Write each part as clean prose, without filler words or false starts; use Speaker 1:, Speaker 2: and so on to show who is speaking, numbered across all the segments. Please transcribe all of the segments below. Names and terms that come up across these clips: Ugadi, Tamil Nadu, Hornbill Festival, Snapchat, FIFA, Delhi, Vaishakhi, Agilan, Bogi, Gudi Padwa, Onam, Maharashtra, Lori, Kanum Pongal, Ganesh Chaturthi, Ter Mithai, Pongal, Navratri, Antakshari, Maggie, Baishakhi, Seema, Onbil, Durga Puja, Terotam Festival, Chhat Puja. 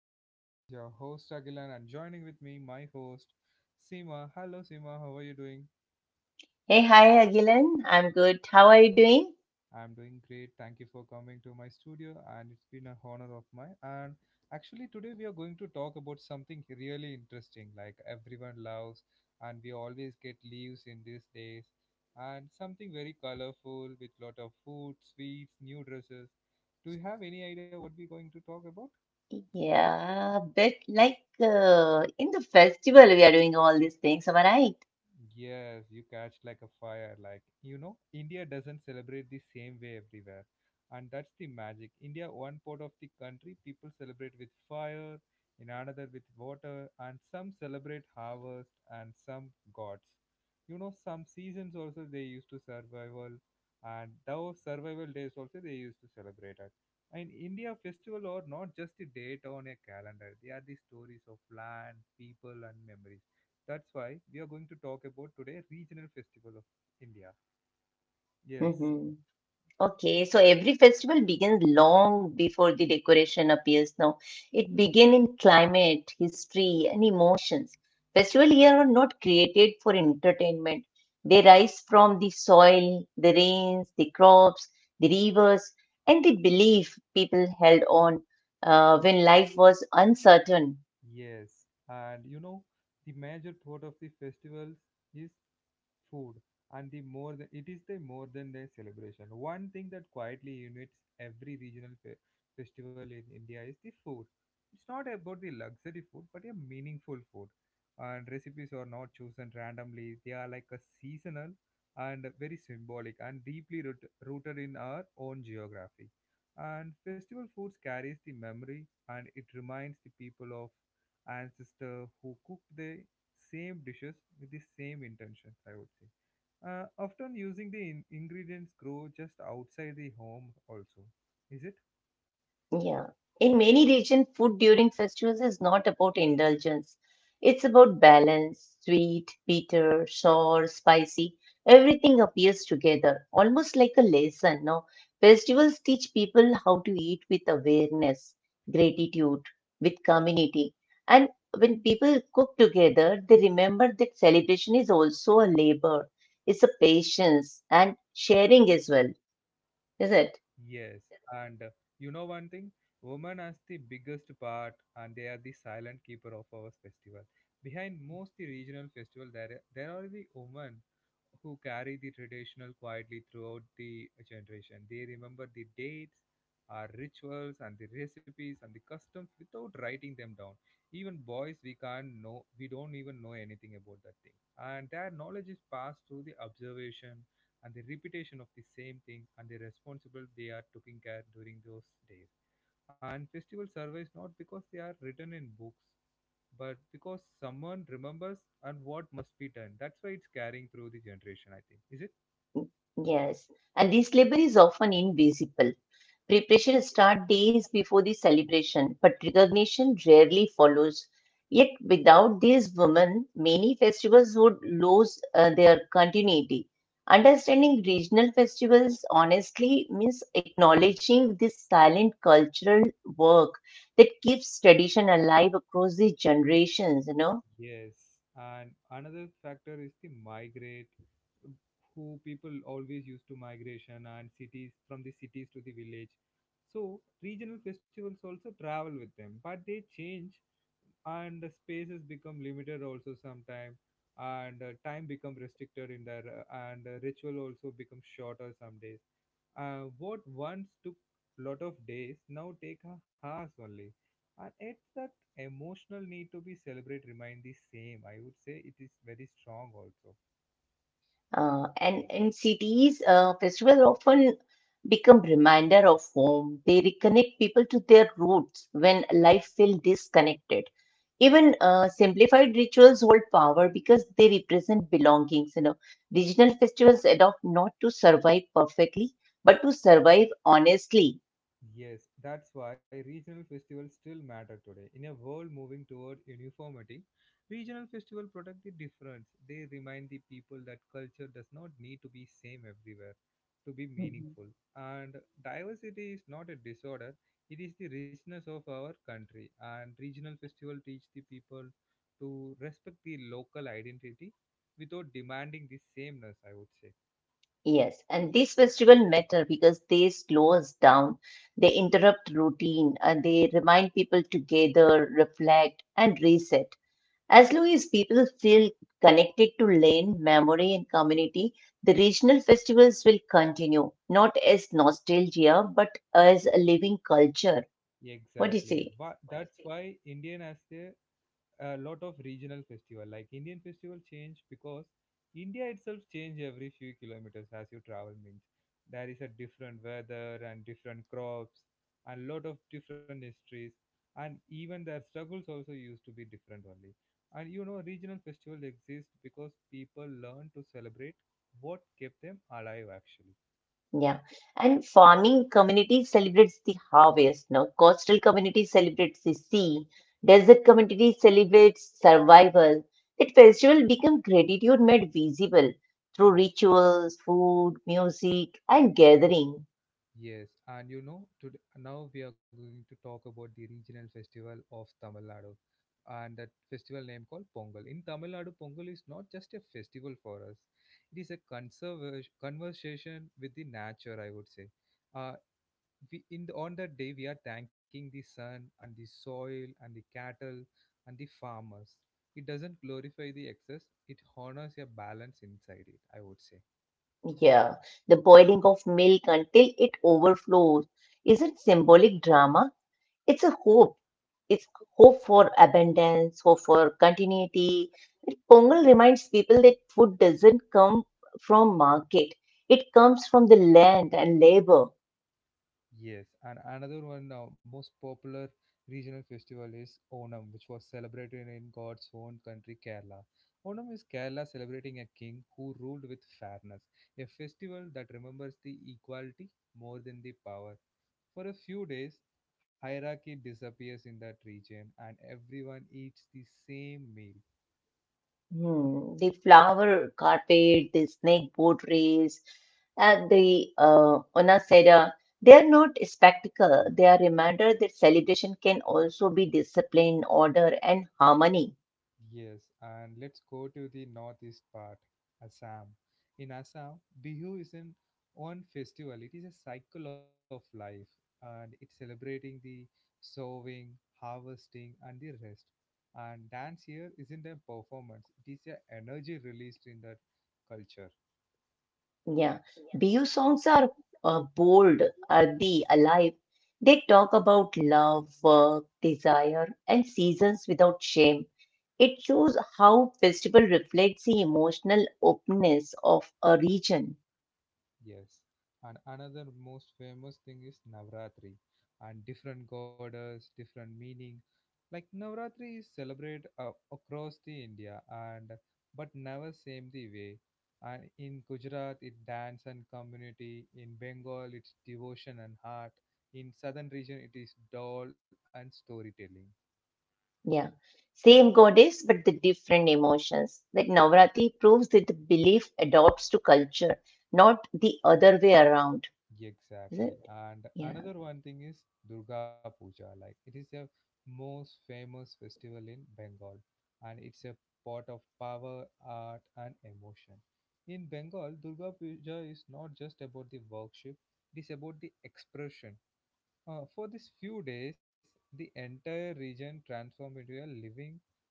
Speaker 1: of mine. This is your host Agilan and joining with me my host Seema. Hello Seema, how are you doing?
Speaker 2: Hey, hi, Agilan. I'm good. How are you doing?
Speaker 1: I'm doing great. Thank you for coming to my studio and it's been a honor of mine. And actually today we are going to talk about something really interesting like everyone loves and we always get leaves in these days and something very colorful with lot of food, sweets, new dresses. Do you have any idea what we're going to talk about?
Speaker 2: Yeah, but in the festival, we are doing all these things, am I right?
Speaker 1: Yes, you catch like a fire. India doesn't celebrate the same way everywhere. And that's the magic. India, one part of the country, people celebrate with fire, in another with water, and some celebrate harvest and some gods. You know, some seasons also they used to survival, and those survival days also they used to celebrate it. And India festival are not just a date on a calendar. They are the stories of land, people, and memories. That's why we are going to talk about today regional festival of India. Yes,
Speaker 2: Mm-hmm. Okay, so every festival begins long before the decoration appears now. It begins in climate, history, and emotions. Festival here are not created for entertainment. They rise from the soil, the rains, the crops, the rivers, and the belief people held on when life was uncertain.
Speaker 1: yes. And you know, the major part of the festivals is food and the more than, it is the more than the celebration one thing that quietly unites every regional festival in India is the food. It's not about the luxury food but a meaningful food, and recipes are not chosen randomly. They are like a seasonal and very symbolic and deeply rooted in our own geography, and festival foods carries the memory and it reminds the people of ancestor who cooked the same dishes with the same intentions, I would say. Often using the ingredients grow just outside the home also, is it?
Speaker 2: Yeah. In many regions, food during festivals is not about indulgence. It's about balance, sweet, bitter, sour, spicy. Everything appears together, almost like a lesson. No, festivals teach people how to eat with awareness, gratitude, with community. And when people cook together, they remember that celebration is also a labor. It's a patience and sharing as well, is it?
Speaker 1: Yes, and you know one thing, women as the biggest part, and they are the silent keeper of our festival. Behind most the regional festival, there are the women who carry the traditional quietly throughout the generation. They remember the dates, our rituals, and the recipes and the customs without writing them down. Even boys, we can't know, we don't even know anything about that thing, and their knowledge is passed through the observation and the repetition of the same thing and the responsible they are taking care during those days. And festival survives not because they are written in books, but because someone remembers and what must be done. That's why it's carrying through the generation, I think. Is it?
Speaker 2: Yes, and this labor is often invisible. Preparation starts days before the celebration, but recognition rarely follows. Yet, without these women, many festivals would lose their continuity. Understanding regional festivals honestly means acknowledging this silent cultural work that keeps tradition alive across the generations, you know.
Speaker 1: Yes, and another factor is the migrate, who people always used to migration and cities from the cities to the village. So regional festivals also travel with them, but they change, and the spaces become limited also sometime, and time become restricted in there, and ritual also become shorter some days. What once took lot of days now take a hours only, and it's that emotional need to be celebrate remain the same. I would say it is very strong also.
Speaker 2: And in cities, festivals often become reminder of home. They reconnect people to their roots when life feels disconnected. Even simplified rituals hold power because they represent belongings. You know, regional festivals adopt not to survive perfectly, but to survive honestly.
Speaker 1: Yes, that's why regional festivals still matter today. In a world moving toward uniformity, regional festivals protect the difference. They remind the people that culture does not need to be same everywhere to be
Speaker 2: Mhm.
Speaker 1: meaningful. And diversity is not a disorder, it is the richness of our country. And regional festival teach the people to respect the local identity without demanding the sameness, I would say.
Speaker 2: Yes, and these festivals matter because they slow us down. They interrupt routine and they remind people to gather, reflect, and reset. As long as people feel connected to land, memory, and community, the regional festivals will continue, not as nostalgia, but as a living culture. What do you
Speaker 1: Exactly.
Speaker 2: say?
Speaker 1: That's why Indian has a lot of regional festival. Like Indian festival change because India itself change every few kilometers as you travel, means there is a different weather and different crops and lot of different histories, and even their struggles also used to be different only. And you know, regional festival exist because people learn to celebrate what kept them alive actually.
Speaker 2: Yeah. And farming community celebrates the harvest. Now, coastal community celebrates the sea. Desert community celebrates survival. That festival becomes gratitude made visible through
Speaker 1: Yes,
Speaker 2: rituals, food, music, and gathering.
Speaker 1: yes, and you know today now we are going to talk about the regional festival of Tamil Nadu, and that festival name called Pongal. In Tamil Nadu, Pongal is not just a festival for us; it is a conversation with the nature, I would say. uh, we in the, on that day we are thanking the sun and the soil and the cattle and the farmers. It doesn't glorify the excess; it honors a balance inside it, I would say.
Speaker 2: Yeah, the boiling of milk until it overflows isn't symbolic drama. It's a hope. It's hope for abundance, hope for continuity. Pongal reminds people that food doesn't come from market. It comes from the land and labor.
Speaker 1: Yes, and another one most popular regional festival is Onam, which was celebrated in God's own country, Kerala. Onam is Kerala celebrating a king who ruled with fairness, a festival that remembers the equality more than the power. For a few days, hierarchy disappears in that region and everyone eats the same meal.
Speaker 2: Hmm, the flower carpet, the snake boat race, and the onasera, they are not spectacle. They are reminder that celebration can also be discipline, order, and harmony.
Speaker 1: Yes, and let's go to the northeast part, Assam. In Assam, Bihu isn't one festival, it is a cycle of life and it's celebrating the sowing, harvesting, and the rest. And dance here isn't a performance, it is a energy released in that culture.
Speaker 2: Yeah. Bihu songs are bold, earthy, alive. They talk about love, work, desire, and seasons without shame. It shows how festival reflects the emotional openness of a region.
Speaker 1: Yes. And another most famous thing is Navratri and different goddess, different meaning. Like Navratri is celebrated across the India and but never same the way. And in Gujarat it dance and community, in Bengal it's devotion and heart, in southern region it is doll and storytelling.
Speaker 2: Yeah. Same goddess, but the different emotions. That Navratri proves that the belief adopts to culture, not the other way around. Is
Speaker 1: Exactly.
Speaker 2: it?
Speaker 1: And
Speaker 2: Yeah.
Speaker 1: another one thing is Durga Puja. Like it is the most famous festival in Bengal and it's a pot of power, art and emotion. In Bengal, Durga Puja is not just about the worship, it is about the expression. For these few days, the entire region transformed into a living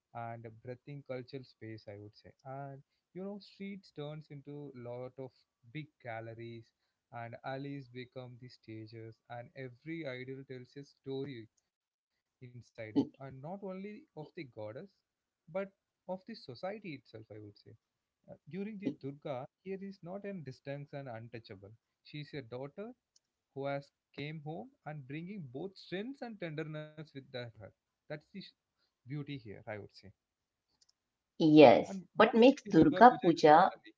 Speaker 1: and a breathing cultural space, I would say. And you know, streets turns into lot of big galleries, and alleys become the stages, and every idol tells a story inside it, and
Speaker 2: Y-
Speaker 1: not only of the goddess, but of the society itself, I would say. During the
Speaker 2: y-
Speaker 1: Durga, here is not an distinct and untouchable. She is a daughter who has came home and bringing both strength and tenderness with her. That's the sh- Beauty here, I would say. And
Speaker 2: Yes.
Speaker 1: what
Speaker 2: What
Speaker 1: makes
Speaker 2: makes
Speaker 1: the Durga
Speaker 2: Durga
Speaker 1: Puja
Speaker 2: Puja?
Speaker 1: extraordinary?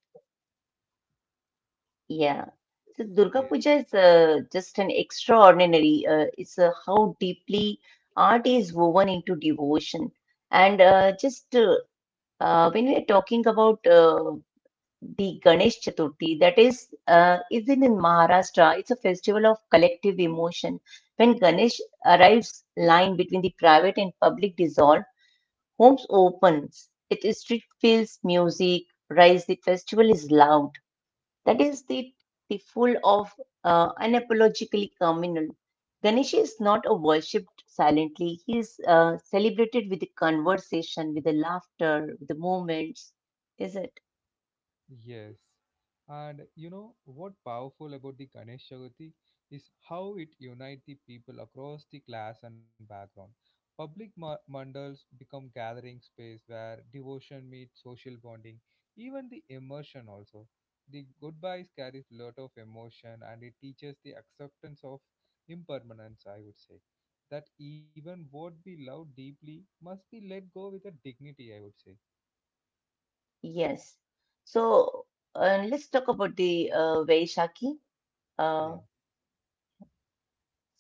Speaker 2: Yeah. So
Speaker 1: Yes.
Speaker 2: Durga
Speaker 1: Yes.
Speaker 2: Puja is just an extraordinary. It's how deeply art is woven into devotion. And just when we are talking about the Ganesh Chaturthi that is even in Maharashtra. It's a festival of collective emotion. When Ganesh arrives, line between the private and public dissolve. Homes opens. It is street fills music. Rise. The festival is loud. That is the full of unapologetically communal. Ganesh is not a worshipped silently. He is celebrated with the conversation, with the laughter, with the moments. Is it?
Speaker 1: Yes. And you know what powerful about the Ganesh Chaturthi is how it unites the people across the class and background. Public mandals become gathering space where devotion meets social bonding, even the immersion also. The goodbyes carries lot of emotion and it teaches the acceptance of impermanence, I would say. That even what we love deeply must be let go with a dignity, I would say.
Speaker 2: Yes. So let's talk about the Vaishakhi. Uh,
Speaker 1: Yeah.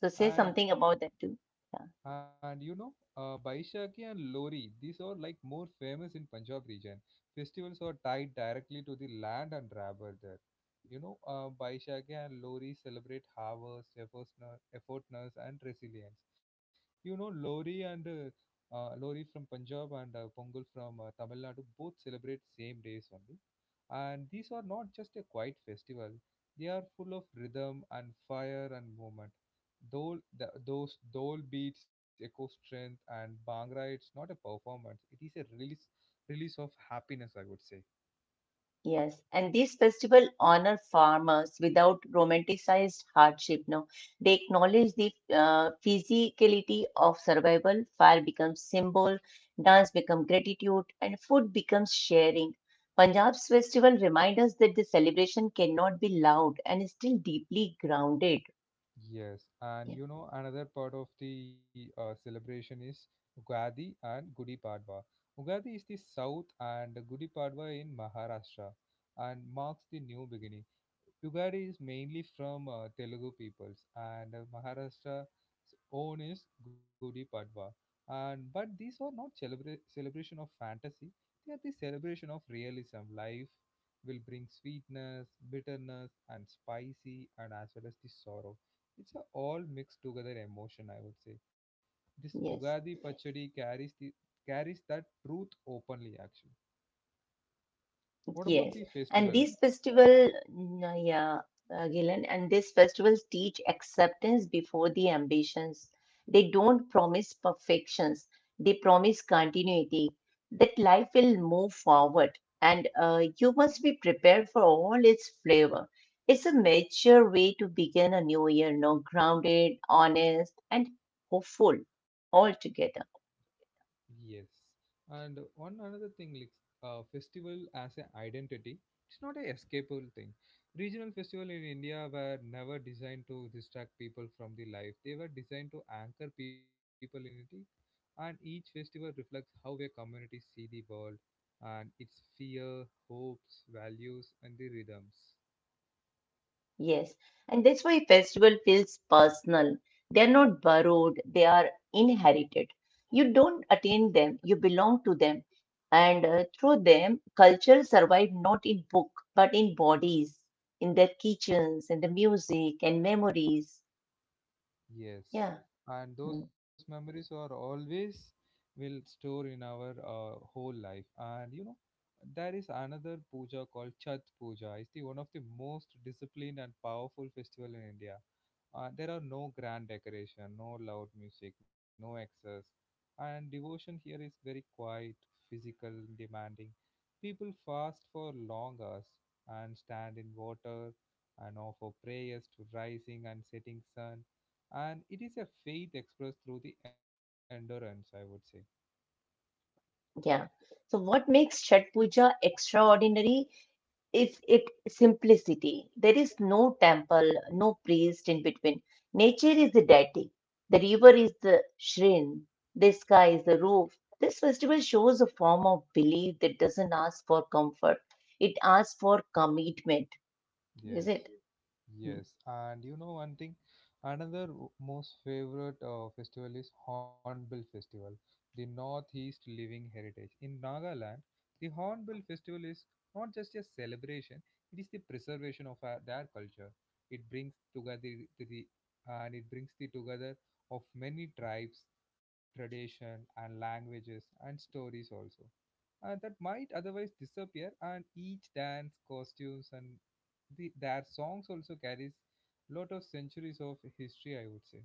Speaker 2: so say something
Speaker 1: And
Speaker 2: about that too. Yeah.
Speaker 1: And you know, Baishakhi and Lori, these are like more famous in Punjab region. Festivals are tied directly to the land and rabble there. You know, Baishakhi and Lori celebrate harvest, effortness, effortness and resilience. You know, Lori and Lori from Punjab and Pongal from Tamil Nadu both celebrate same days only. And these are not just a quiet festival; they are full of rhythm and fire and movement. Dole, the, those Dole beats Echo Strength and Bhangra. It's not a performance; it is a release, release of happiness, I would say.
Speaker 2: Yes, and these festivals honor farmers without romanticized hardship. No, they acknowledge the physicality of survival. Fire becomes symbol, dance becomes gratitude, and food becomes sharing. Punjab's festival remind us that the celebration cannot be loud and is still deeply grounded.
Speaker 1: Yes, and
Speaker 2: Yeah,
Speaker 1: you know another part of the celebration is Ugadi and Gudi Padwa. Ugadi is the south and Gudi Padwa in Maharashtra and marks the new beginning. Ugadi is mainly from Telugu peoples and Maharashtra's own is Gudi Padwa. And but these are not celebration of fantasy; they are the celebration of realism. Life will bring sweetness, bitterness, and spicy, and as well as the sorrow. It's a all mixed together emotion, I would say. This Ugadi
Speaker 2: yes.
Speaker 1: Pachadi carries the carries that truth openly actually. What about
Speaker 2: Yes,
Speaker 1: the
Speaker 2: and
Speaker 1: festival?
Speaker 2: this festival, Gilan, and these festivals teach acceptance before the ambitions. They don't promise perfections, they promise continuity, that life will move forward, and you must be prepared for all its flavor. It's a mature way to begin a new year, no, grounded, honest, and hopeful altogether.
Speaker 1: Yes, and one another thing, like festival as an identity, it's not a escapable thing. Regional festival in India were never designed to distract people from the life. They were designed to anchor people in it, and each festival reflects how a community see the world and its fear, hopes, values, and the rhythms.
Speaker 2: Yes, and that's why festival feels personal. They are not borrowed, they are inherited. You don't attain them, you belong to them. And through them, culture survived not in book, but in bodies, in their kitchens, in the music and memories.
Speaker 1: Yes,
Speaker 2: Yeah,
Speaker 1: and those
Speaker 2: mm,
Speaker 1: memories are always will store in our whole life. And you know, there is another puja called Chhat Puja. It's the one of the most disciplined and powerful festival in India. There are no grand decoration, no loud music, no excess, and devotion here is very quiet, physical, demanding. People fast for long hours and stand in water and offer prayers to rising and setting sun, and it is a faith expressed through the endurance, I would say.
Speaker 2: yeah. So what makes Chhat Puja extraordinary is it simplicity. There is no temple, no priest in between. Nature is the deity. The river is the shrine. The sky is the roof. This festival shows a form of belief that doesn't ask for comfort. It asks for commitment. Is it?
Speaker 1: Yes. Yes, and you know one thing, another most favorite festival is Hornbill Festival, the Northeast Living Heritage. In Nagaland, the Hornbill Festival is not just a celebration, it is the preservation of their culture. It brings together and it brings the together of many tribes, tradition and languages and stories also that might otherwise disappear, and each dance costumes and their songs also carries lot of centuries of history, I would say.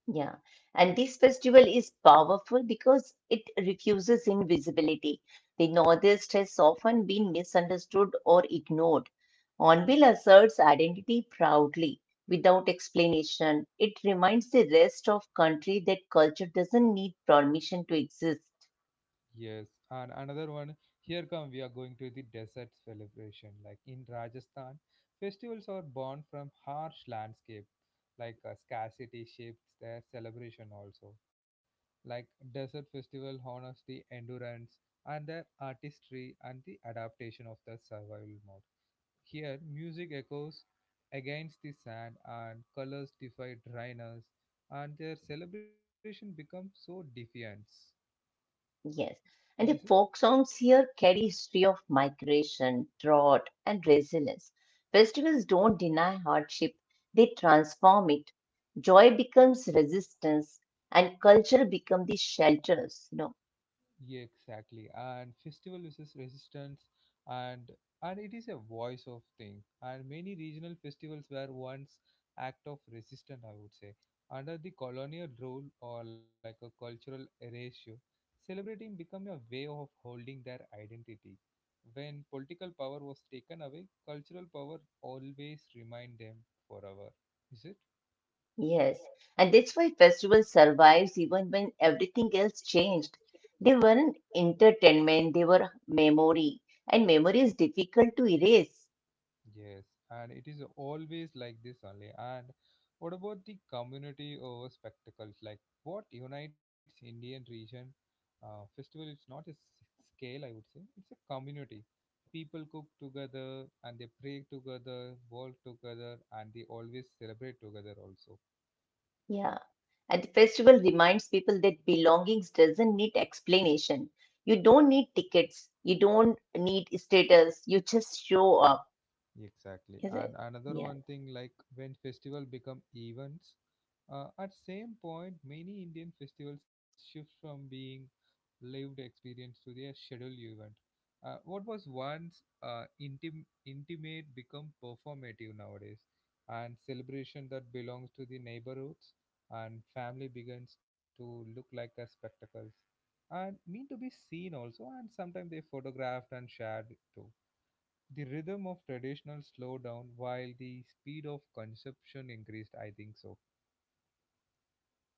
Speaker 2: Yeah, and this festival is powerful because it refuses invisibility. The Northeast has often been misunderstood or ignored. Onbil asserts identity proudly without explanation. It reminds the rest of country that culture doesn't need permission to exist.
Speaker 1: Yes, and another one, here come we are going to the desert celebration like in Rajasthan. Festivals are born from harsh landscape, like scarcity shapes their celebration also. Like desert festival honors the endurance and the artistry and the adaptation of the survival mode. Here, music echoes against the sand and colors defy dryness, and their celebration becomes so defiant.
Speaker 2: Yes. And
Speaker 1: Yes.
Speaker 2: the folk songs here carry history of migration, drought, and resilience. Festivals don't deny hardship, they transform it. Joy becomes resistance and culture becomes the shelters, you know.
Speaker 1: Yeah, exactly. And festival uses resistance, and and it is a voice of thing. And many regional festivals were once act of resistance, I would say. Under the colonial rule or like a cultural erasure, celebrating became a way of holding their identity. When political power was taken away, cultural power always remind them forever. Is it?
Speaker 2: Yes. And that's why festival survives even when everything else changed. They were an entertainment, they were memory, and memory is difficult to erase.
Speaker 1: Yes, and it is always like this only. And what about the community over spectacles? Like what unites Indian region festival? It's not a s- Scale, I would say. It's a community. People cook together and they pray together, work together, and they always celebrate together also.
Speaker 2: Yeah. And the festival reminds people that belongings doesn't need explanation. You don't need tickets. You don't need status. You just show up,
Speaker 1: Exactly.
Speaker 2: is it?
Speaker 1: And another
Speaker 2: Yeah.
Speaker 1: one thing, like when festival become events, at same point, many Indian festivals shift from being lived experience to their scheduled event. What was once intimate become performative nowadays, and celebration that belongs to the neighborhoods and family begins to look like a spectacles and mean to be seen also, and sometimes they photographed and shared too. The rhythm of traditional slowed down while the speed of consumption increased, I think so.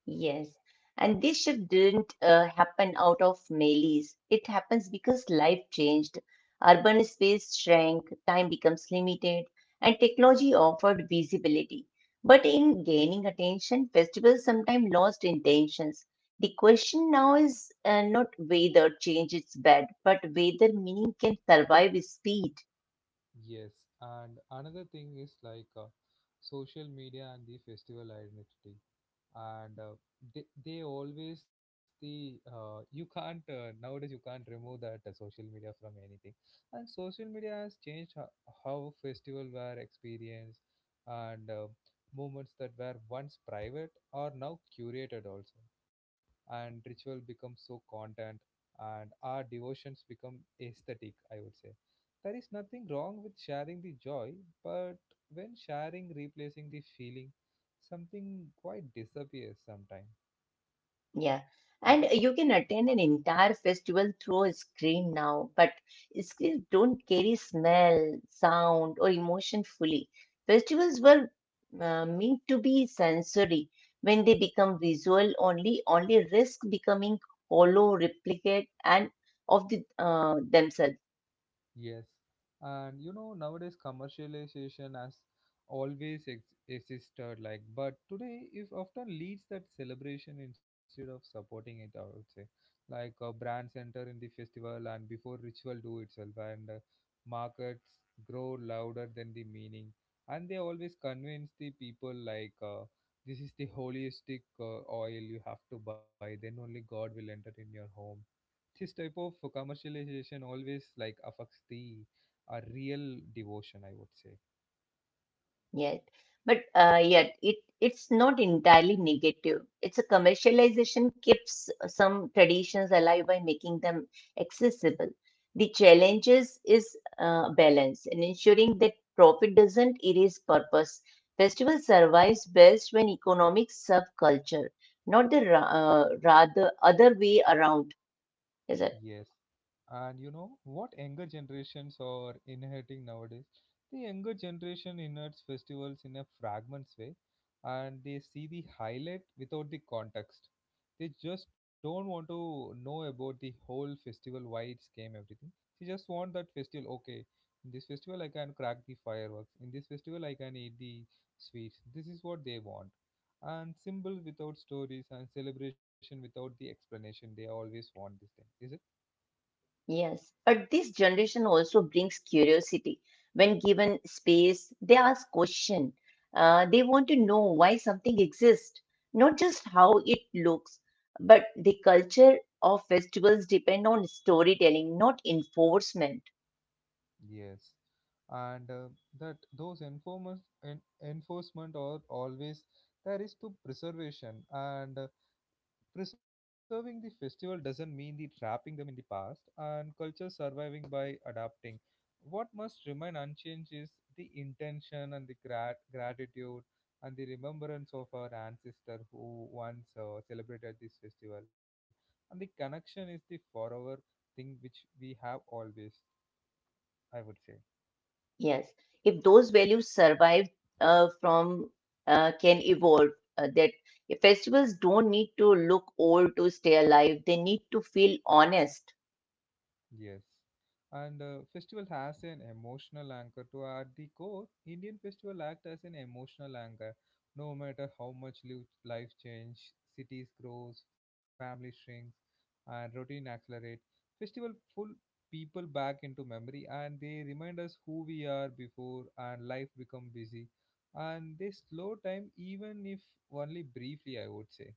Speaker 2: Yes, and this shift didn't happen out of malice. It happens because life changed. Urban space shrank, time becomes limited, and technology offered visibility. But in gaining attention, festivals sometimes lost intentions. The question now is not whether change is bad, but whether meaning can survive speed.
Speaker 1: Yes, and another thing is like social media and the festival identity, and they always the you can't nowadays you can't remove that social media from anything. And social media has changed how festival were experienced, and moments that were once private are now curated also, and ritual becomes so content, and our devotions become aesthetic, I would say. There is nothing wrong with sharing the joy, but when sharing replacing the feeling, something quite disappears sometime.
Speaker 2: Yeah,
Speaker 1: Is it?
Speaker 2: and you can attend an entire festival through a screen now, but screens don't carry smell, sound, or emotion fully. Festivals were meant to be sensory. When they become visual, only risk becoming hollow replicate and of the themselves.
Speaker 1: Yes, and you know nowadays commercialization has always existed, like, but today it often leads that celebration instead of supporting it, I would say. Like brands enter in the festival and before ritual do itself, and markets grow louder than the meaning, and they always convince the people like this is the holistic oil you have to buy, then only god will enter in your home. This type of commercialization always like affects the real devotion, I would say.
Speaker 2: Yet, but yet it's not entirely negative. It's a commercialization keeps some traditions alive by making them accessible. The challenges is balance and ensuring that profit doesn't erase purpose. Festival survives best when economics serve culture, not rather other way around. Is it?
Speaker 1: Yes. And you know what younger generations are inheriting nowadays? The younger generation inherits festivals in a fragments way, and they see the highlight without the context. They just don't want to know about the whole festival, why it's came, everything. They just want that festival, okay. In this festival I can crack the fireworks. In this festival I can eat the sweets. This is what they want. And symbol without stories and celebration without the explanation. They always want this thing. Is it?
Speaker 2: Yes. But this generation also brings curiosity when given space, they ask questions. They want to know why something exists, not just how it looks. But the culture of festivals depend on storytelling, not enforcement.
Speaker 1: Yes, and that those informers enforcement are always there is to preservation, and preserving the festival doesn't mean the trapping them in the past, and culture surviving by adapting. What must remain unchanged is the intention and the gratitude and the remembrance of our ancestor who once celebrated this festival, and the connection is the forever thing which we have always, I would say.
Speaker 2: Yes, if those values survive from can evolve, that festivals don't need to look old to stay alive. They need to feel honest.
Speaker 1: Yes. And festival has an emotional anchor to at the core. Indian festival act as an emotional anchor. No matter how much life change, cities grows, family shrinks, and routine accelerate, festival pull people back into memory, and they remind us who we are before and life become busy. And they slow time, even if only briefly, I would say.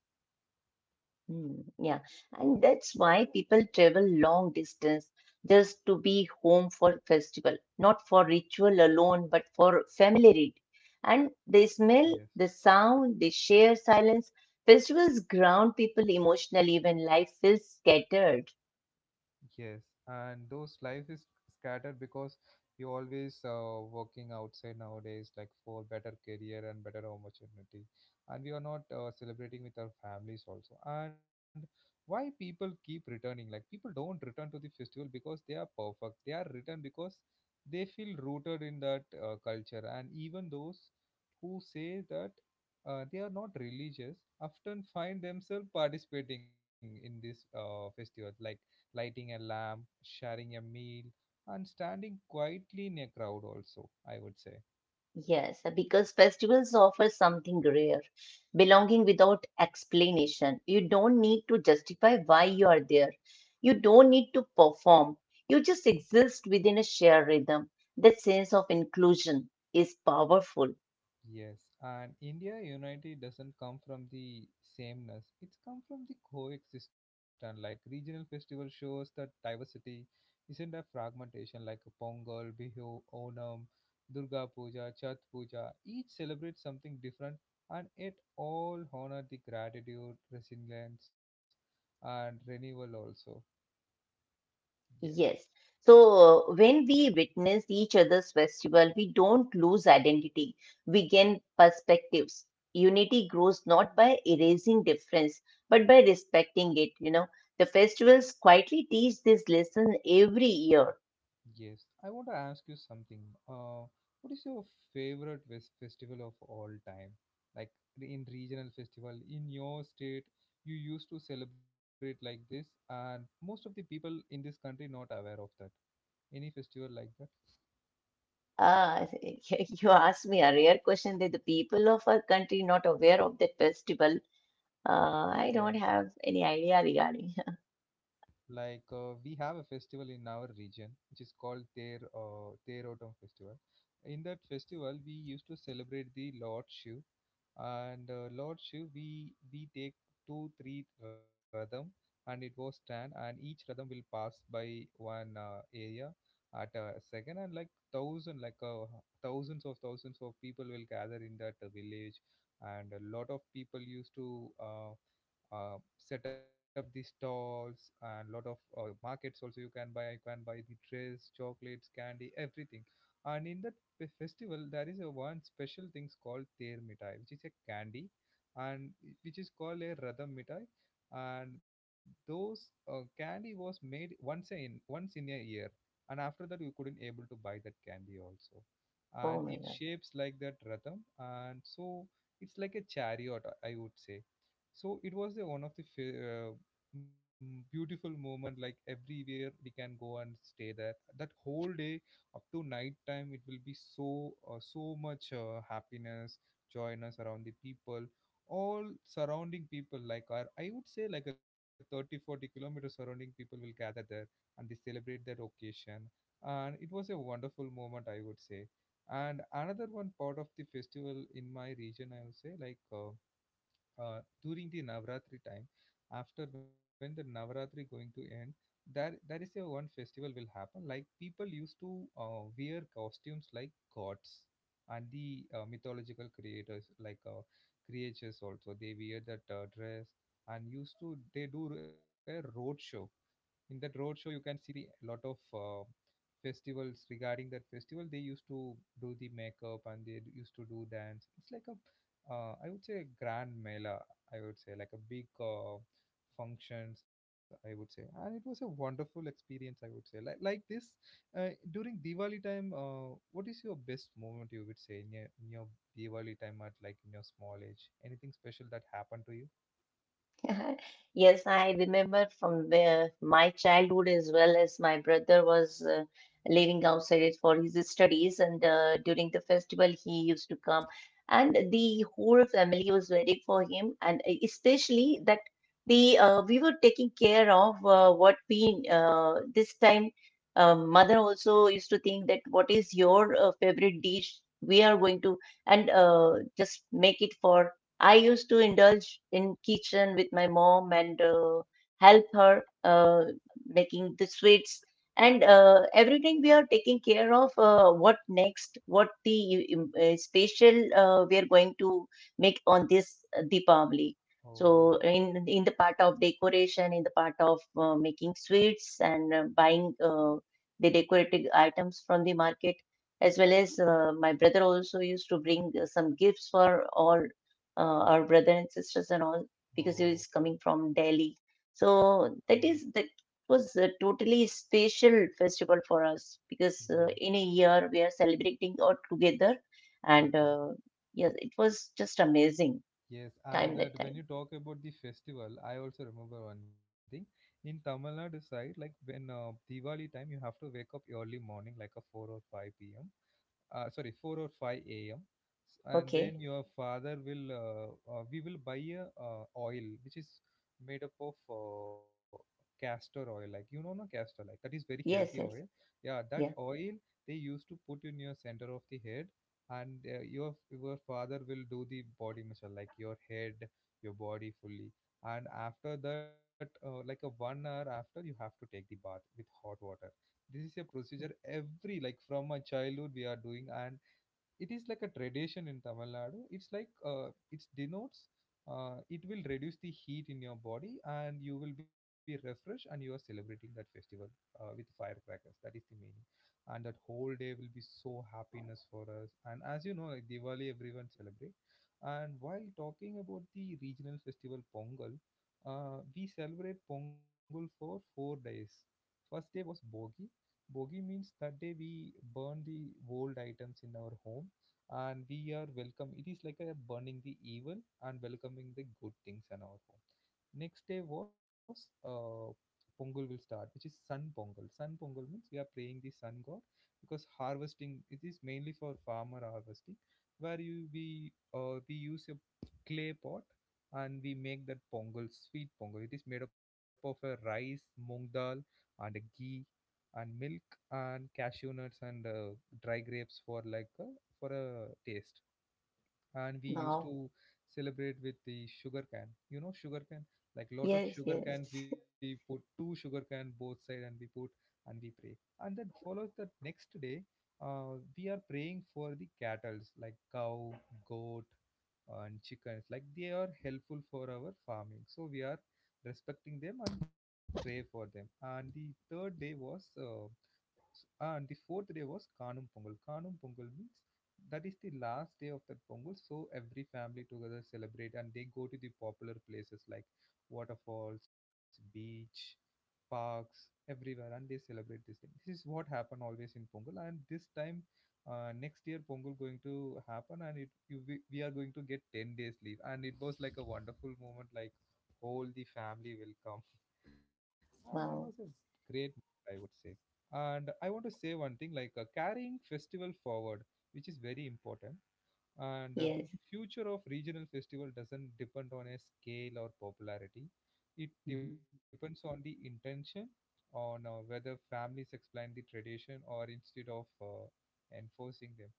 Speaker 2: Hmm. Yeah, and that's why people travel long distance just to be home for festival, not for ritual alone, but for familiarity. And the smell,
Speaker 1: Yes.
Speaker 2: the sound, the share silence. Festivals ground people emotionally when life feels scattered.
Speaker 1: Yes, and those life is scattered because we always working outside nowadays, like for better career and better opportunity, and we are not celebrating with our families also. And why people keep returning? Like, people don't return to the festival because they are perfect. They are returned because they feel rooted in that culture. And even those who say that they are not religious often find themselves participating in this festival, like lighting a lamp, sharing a meal, and standing quietly in a crowd, also, I would say.
Speaker 2: Yes, because festivals offer something rare, belonging without explanation. You don't need to justify why you are there. You don't need to perform. You just exist within a shared rhythm. That sense of inclusion is powerful.
Speaker 1: Yes, and India unity doesn't come from the sameness. It's come from the coexistence. Like regional festival shows that diversity isn't a fragmentation, like a Pongal, Bihu, Onam, Durga Puja, Chhat Puja. Each celebrates something different, and it all honor the gratitude, resilience and renewal also. Yes.
Speaker 2: Yes. So when we witness each other's festival, we don't lose identity. We gain perspectives. Unity grows not by erasing difference, but by respecting it. You know, the festivals quietly teach this lesson every year.
Speaker 1: Yes, I want to ask you something. What is your favorite festival of all time? Like, in regional festival in your state, you used to celebrate like this, and most of the people in this country not aware of that. Any festival like that?
Speaker 2: Ah, you asked me a rare question that the people of our country not aware of that festival. I don't
Speaker 1: Yeah.
Speaker 2: have any idea regarding.
Speaker 1: Like we have a festival in our region which is called Ter Terotam Festival. In that festival, we used to celebrate the Lord Shiv, and Lord Shiv, we take two, three radham, and it was ten, and each radham will pass by one area at a second, and like thousand, like thousands of people will gather in that village, and a lot of people used to. Set up the stalls and lot of markets also. You can buy the dress, chocolates, candy, everything. And in that festival, there is a one special things called Ter Mithai, which is a candy, and which is called a Radham Mithai. And those candy was made once in a year, and after that we couldn't able to buy that candy also.
Speaker 2: Oh
Speaker 1: And
Speaker 2: my
Speaker 1: it
Speaker 2: God.
Speaker 1: shapes like that Radham, and so it's like a chariot, I would say. So it was the one of the beautiful moment. Like everywhere we can go and stay there. That whole day up to night time it will be so so much happiness, joyness around the people, all surrounding people. Like our, I would say, like a 30, forty 40-kilometer surrounding people will gather there, and they celebrate that occasion, and it was a wonderful moment, I would say. And another one part of the festival in my region, I would say, like during the Navratri time, after when the Navratri going to end, there is a one festival will happen. Like people used to wear costumes like gods and the mythological creators like creatures also. They wear that dress and used to they do a road show. In that road show, you can see the lot of festivals regarding that festival. They used to do the makeup and used to do dance. It's like a I would say a grand mela, I would say, like a big functions, I would say. And it was a wonderful experience, I would say. Like this, during Diwali time, what is your best moment, you would say, in in your Diwali time, at like in your small age, anything special that happened to you?
Speaker 2: Yes, I remember from the, my childhood as well as my brother was living outside it for his studies, and during the festival he used to come, and the whole family was waiting for him, and especially that the we were taking care of what we this time mother also used to think that what is your favorite dish we are going to and just make it for. I used to indulge in kitchen with my mom and help her making the sweets and everything we are taking care of what next what the special we are going to make on this Deepavali.
Speaker 1: Oh.
Speaker 2: So in the part of decoration in the part of making sweets and buying the decorative items from the market as well as my brother also used to bring some gifts for all our brother and sisters and all because he
Speaker 1: Oh.
Speaker 2: was coming from Delhi.
Speaker 1: Oh.
Speaker 2: So that is that was a totally special festival for us because
Speaker 1: Yes.
Speaker 2: in a year we are celebrating all together, and
Speaker 1: Okay.
Speaker 2: yes, it was just amazing
Speaker 1: Yes, and
Speaker 2: time that
Speaker 1: that, when
Speaker 2: time.
Speaker 1: you talk about the festival, I also remember one thing. In Tamil Nadu side, like when Diwali time, you have to wake up early morning, like a 4 or 5 p.m sorry, 4 or 5 a.m, and
Speaker 2: Okay,
Speaker 1: then your father will we will buy a oil which is made up of uh, castor oil. Like, you know, no castor, like that is very healthy
Speaker 2: yes,
Speaker 1: oil.
Speaker 2: yes,
Speaker 1: Yeah, that
Speaker 2: yeah.
Speaker 1: oil, they used to put in your center of the head, and your father will do the body massage, like your head, your body fully. And after that like a 1 hour after, you have to take the bath with hot water. This is a procedure every, like, from my childhood we are doing, and it is like a tradition in Tamil Nadu. It's like it denotes it will reduce the heat in your body, and you will be refreshed, and you are celebrating that festival with firecrackers. That is the meaning. And that whole day will be so happiness for us. And as you know, like Diwali, everyone celebrate. And while talking about the regional festival Pongal, we celebrate Pongal for 4 days. First day was Bogi. Bogi means that day we burn the old items in our home, and we are welcome. It is like a burning the evil and welcoming the good things in our home. Next day was Pongal will start, which is sun Pongal. Sun Pongal means we are praying the sun god, because harvesting, it is mainly for farmer harvesting, where you we use a clay pot, and we make that Pongal, sweet Pongal. It is made up of a rice, moong dal and ghee and milk and cashew nuts and dry grapes for like for a taste. And we used
Speaker 2: Wow,
Speaker 1: to celebrate with the sugar can, you know, sugar can, like lot of
Speaker 2: yes,
Speaker 1: sugar
Speaker 2: yes,
Speaker 1: cans. We put two sugar can both side, and we put and we pray. And then follows the next day, we are praying for the cattles, like cow, goat and chickens, like they are helpful for our farming, so we are respecting them and pray for them. And the third day was S- and the fourth day was Kanum Pongal. Kanum Pongal means that is the last day of that Pongal. So every family together celebrate and they go to the popular places like waterfalls, beach, parks, everywhere, and they celebrate this thing. This is what happen always in Pongal, and this time. Next year Pongal going to happen, and we are going to get 10 days leave, and it was like a wonderful moment, like whole the family will come, and that was a
Speaker 2: wow,
Speaker 1: great moment, I would say. And I want to say one thing, like carrying festival forward, which is very important. And
Speaker 2: yes.
Speaker 1: the future of regional festival doesn't depend on a scale or popularity. It depends on the intention, on whether families explain the tradition or instead of enforcing them,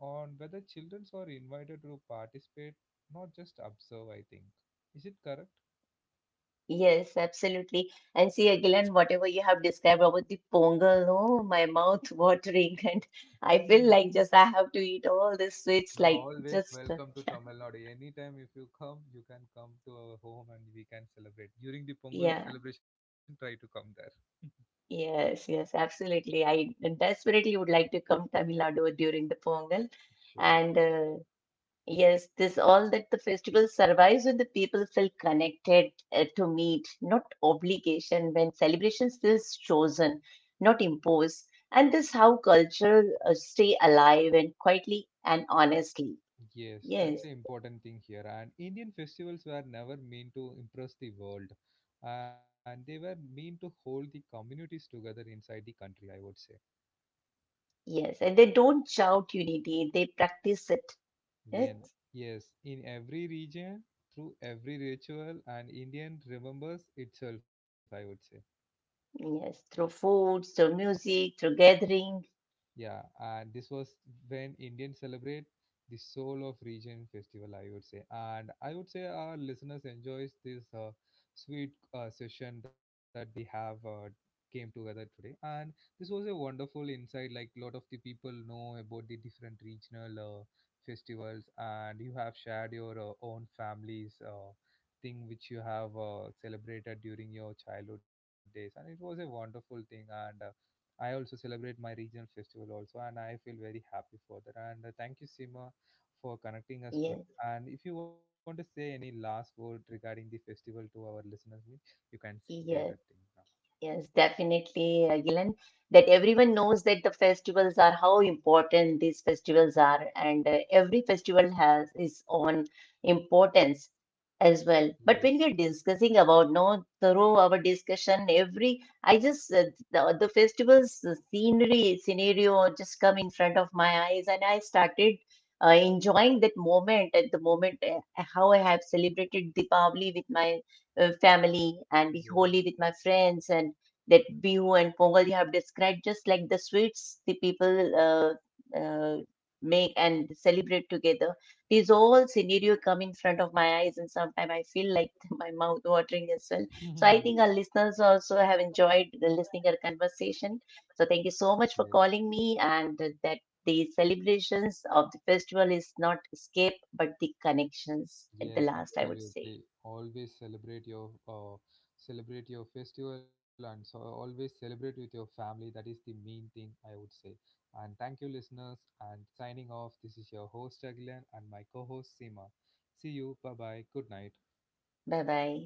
Speaker 1: on whether children are invited to participate, not just observe, I think. Is it?
Speaker 2: Yes, absolutely. And see, again, whatever you have described about the pongal, oh, my mouth watering, and I feel
Speaker 1: Correct.
Speaker 2: like just I have to eat all these sweets,
Speaker 1: You're
Speaker 2: like
Speaker 1: always
Speaker 2: just
Speaker 1: welcome to Tamil Nadu. Anytime if you come, you can come to our home and we can celebrate. During the Pongal
Speaker 2: yeah,
Speaker 1: celebration, try to come there.
Speaker 2: yes, yes, absolutely. I desperately would like to come Tamil Nadu during the pongal,
Speaker 1: Sure,
Speaker 2: and
Speaker 1: sure.
Speaker 2: uh, yes, this all that the festival survives when the people feel connected to meet, not obligation, when celebrations feels chosen, not imposed. And this how culture stay alive and quietly and honestly.
Speaker 1: Yes, that's
Speaker 2: Yes,
Speaker 1: an important thing here. And Indian festivals were never meant to impress the world, and they were meant to hold the communities together inside the country, I would say.
Speaker 2: yes. And they don't shout unity, they practice it. Yes,
Speaker 1: Yeah. Yes, in every region, through every ritual, and Indian remembers itself, I would say.
Speaker 2: yes. Through foods, through music, through gathering.
Speaker 1: Yeah, and this was when Indians celebrate the soul of region festival, I would say. And I would say our listeners enjoys this sweet session that we have came together today. And this was a wonderful insight. Like, a lot of the people know about the different regional festivals, and you have shared your own family's thing which you have celebrated during your childhood days, and it was a wonderful thing. And I also celebrate my regional festival also, and I feel very happy for that. And thank you, Sima, for connecting us
Speaker 2: Yes,
Speaker 1: today. And if you want to say any last word regarding the festival to our listeners, means you can say that thing
Speaker 2: yes.
Speaker 1: now.
Speaker 2: Yes, definitely, Gilan. That everyone knows that the festivals are how important these festivals are, and every festival has its own importance as well. But
Speaker 1: Yes.
Speaker 2: when we are discussing about, no, through our discussion, every I just the festivals the scenery scenario just come in front of my eyes, and I started enjoying that moment at the moment how I have celebrated Deepavali with my family and be holy
Speaker 1: Yeah.
Speaker 2: with my friends and that bihu and pongal you have described just like the sweets the people uh, make and celebrate together these all scenario come in front of my eyes and sometimes I feel like my mouth watering as well so I think our listeners also have enjoyed the listening our conversation so thank you so much for
Speaker 1: Yes.
Speaker 2: calling me and that the celebrations of the festival is not escape but the connections at the
Speaker 1: Yes,
Speaker 2: last I would say
Speaker 1: absolutely. Always celebrate your festival, and so always celebrate with your family. That is the main thing, I would say. And thank you, listeners. And signing off, this is your host Agilan and my co-host Seema. See you. Bye bye. Good night.
Speaker 2: bye bye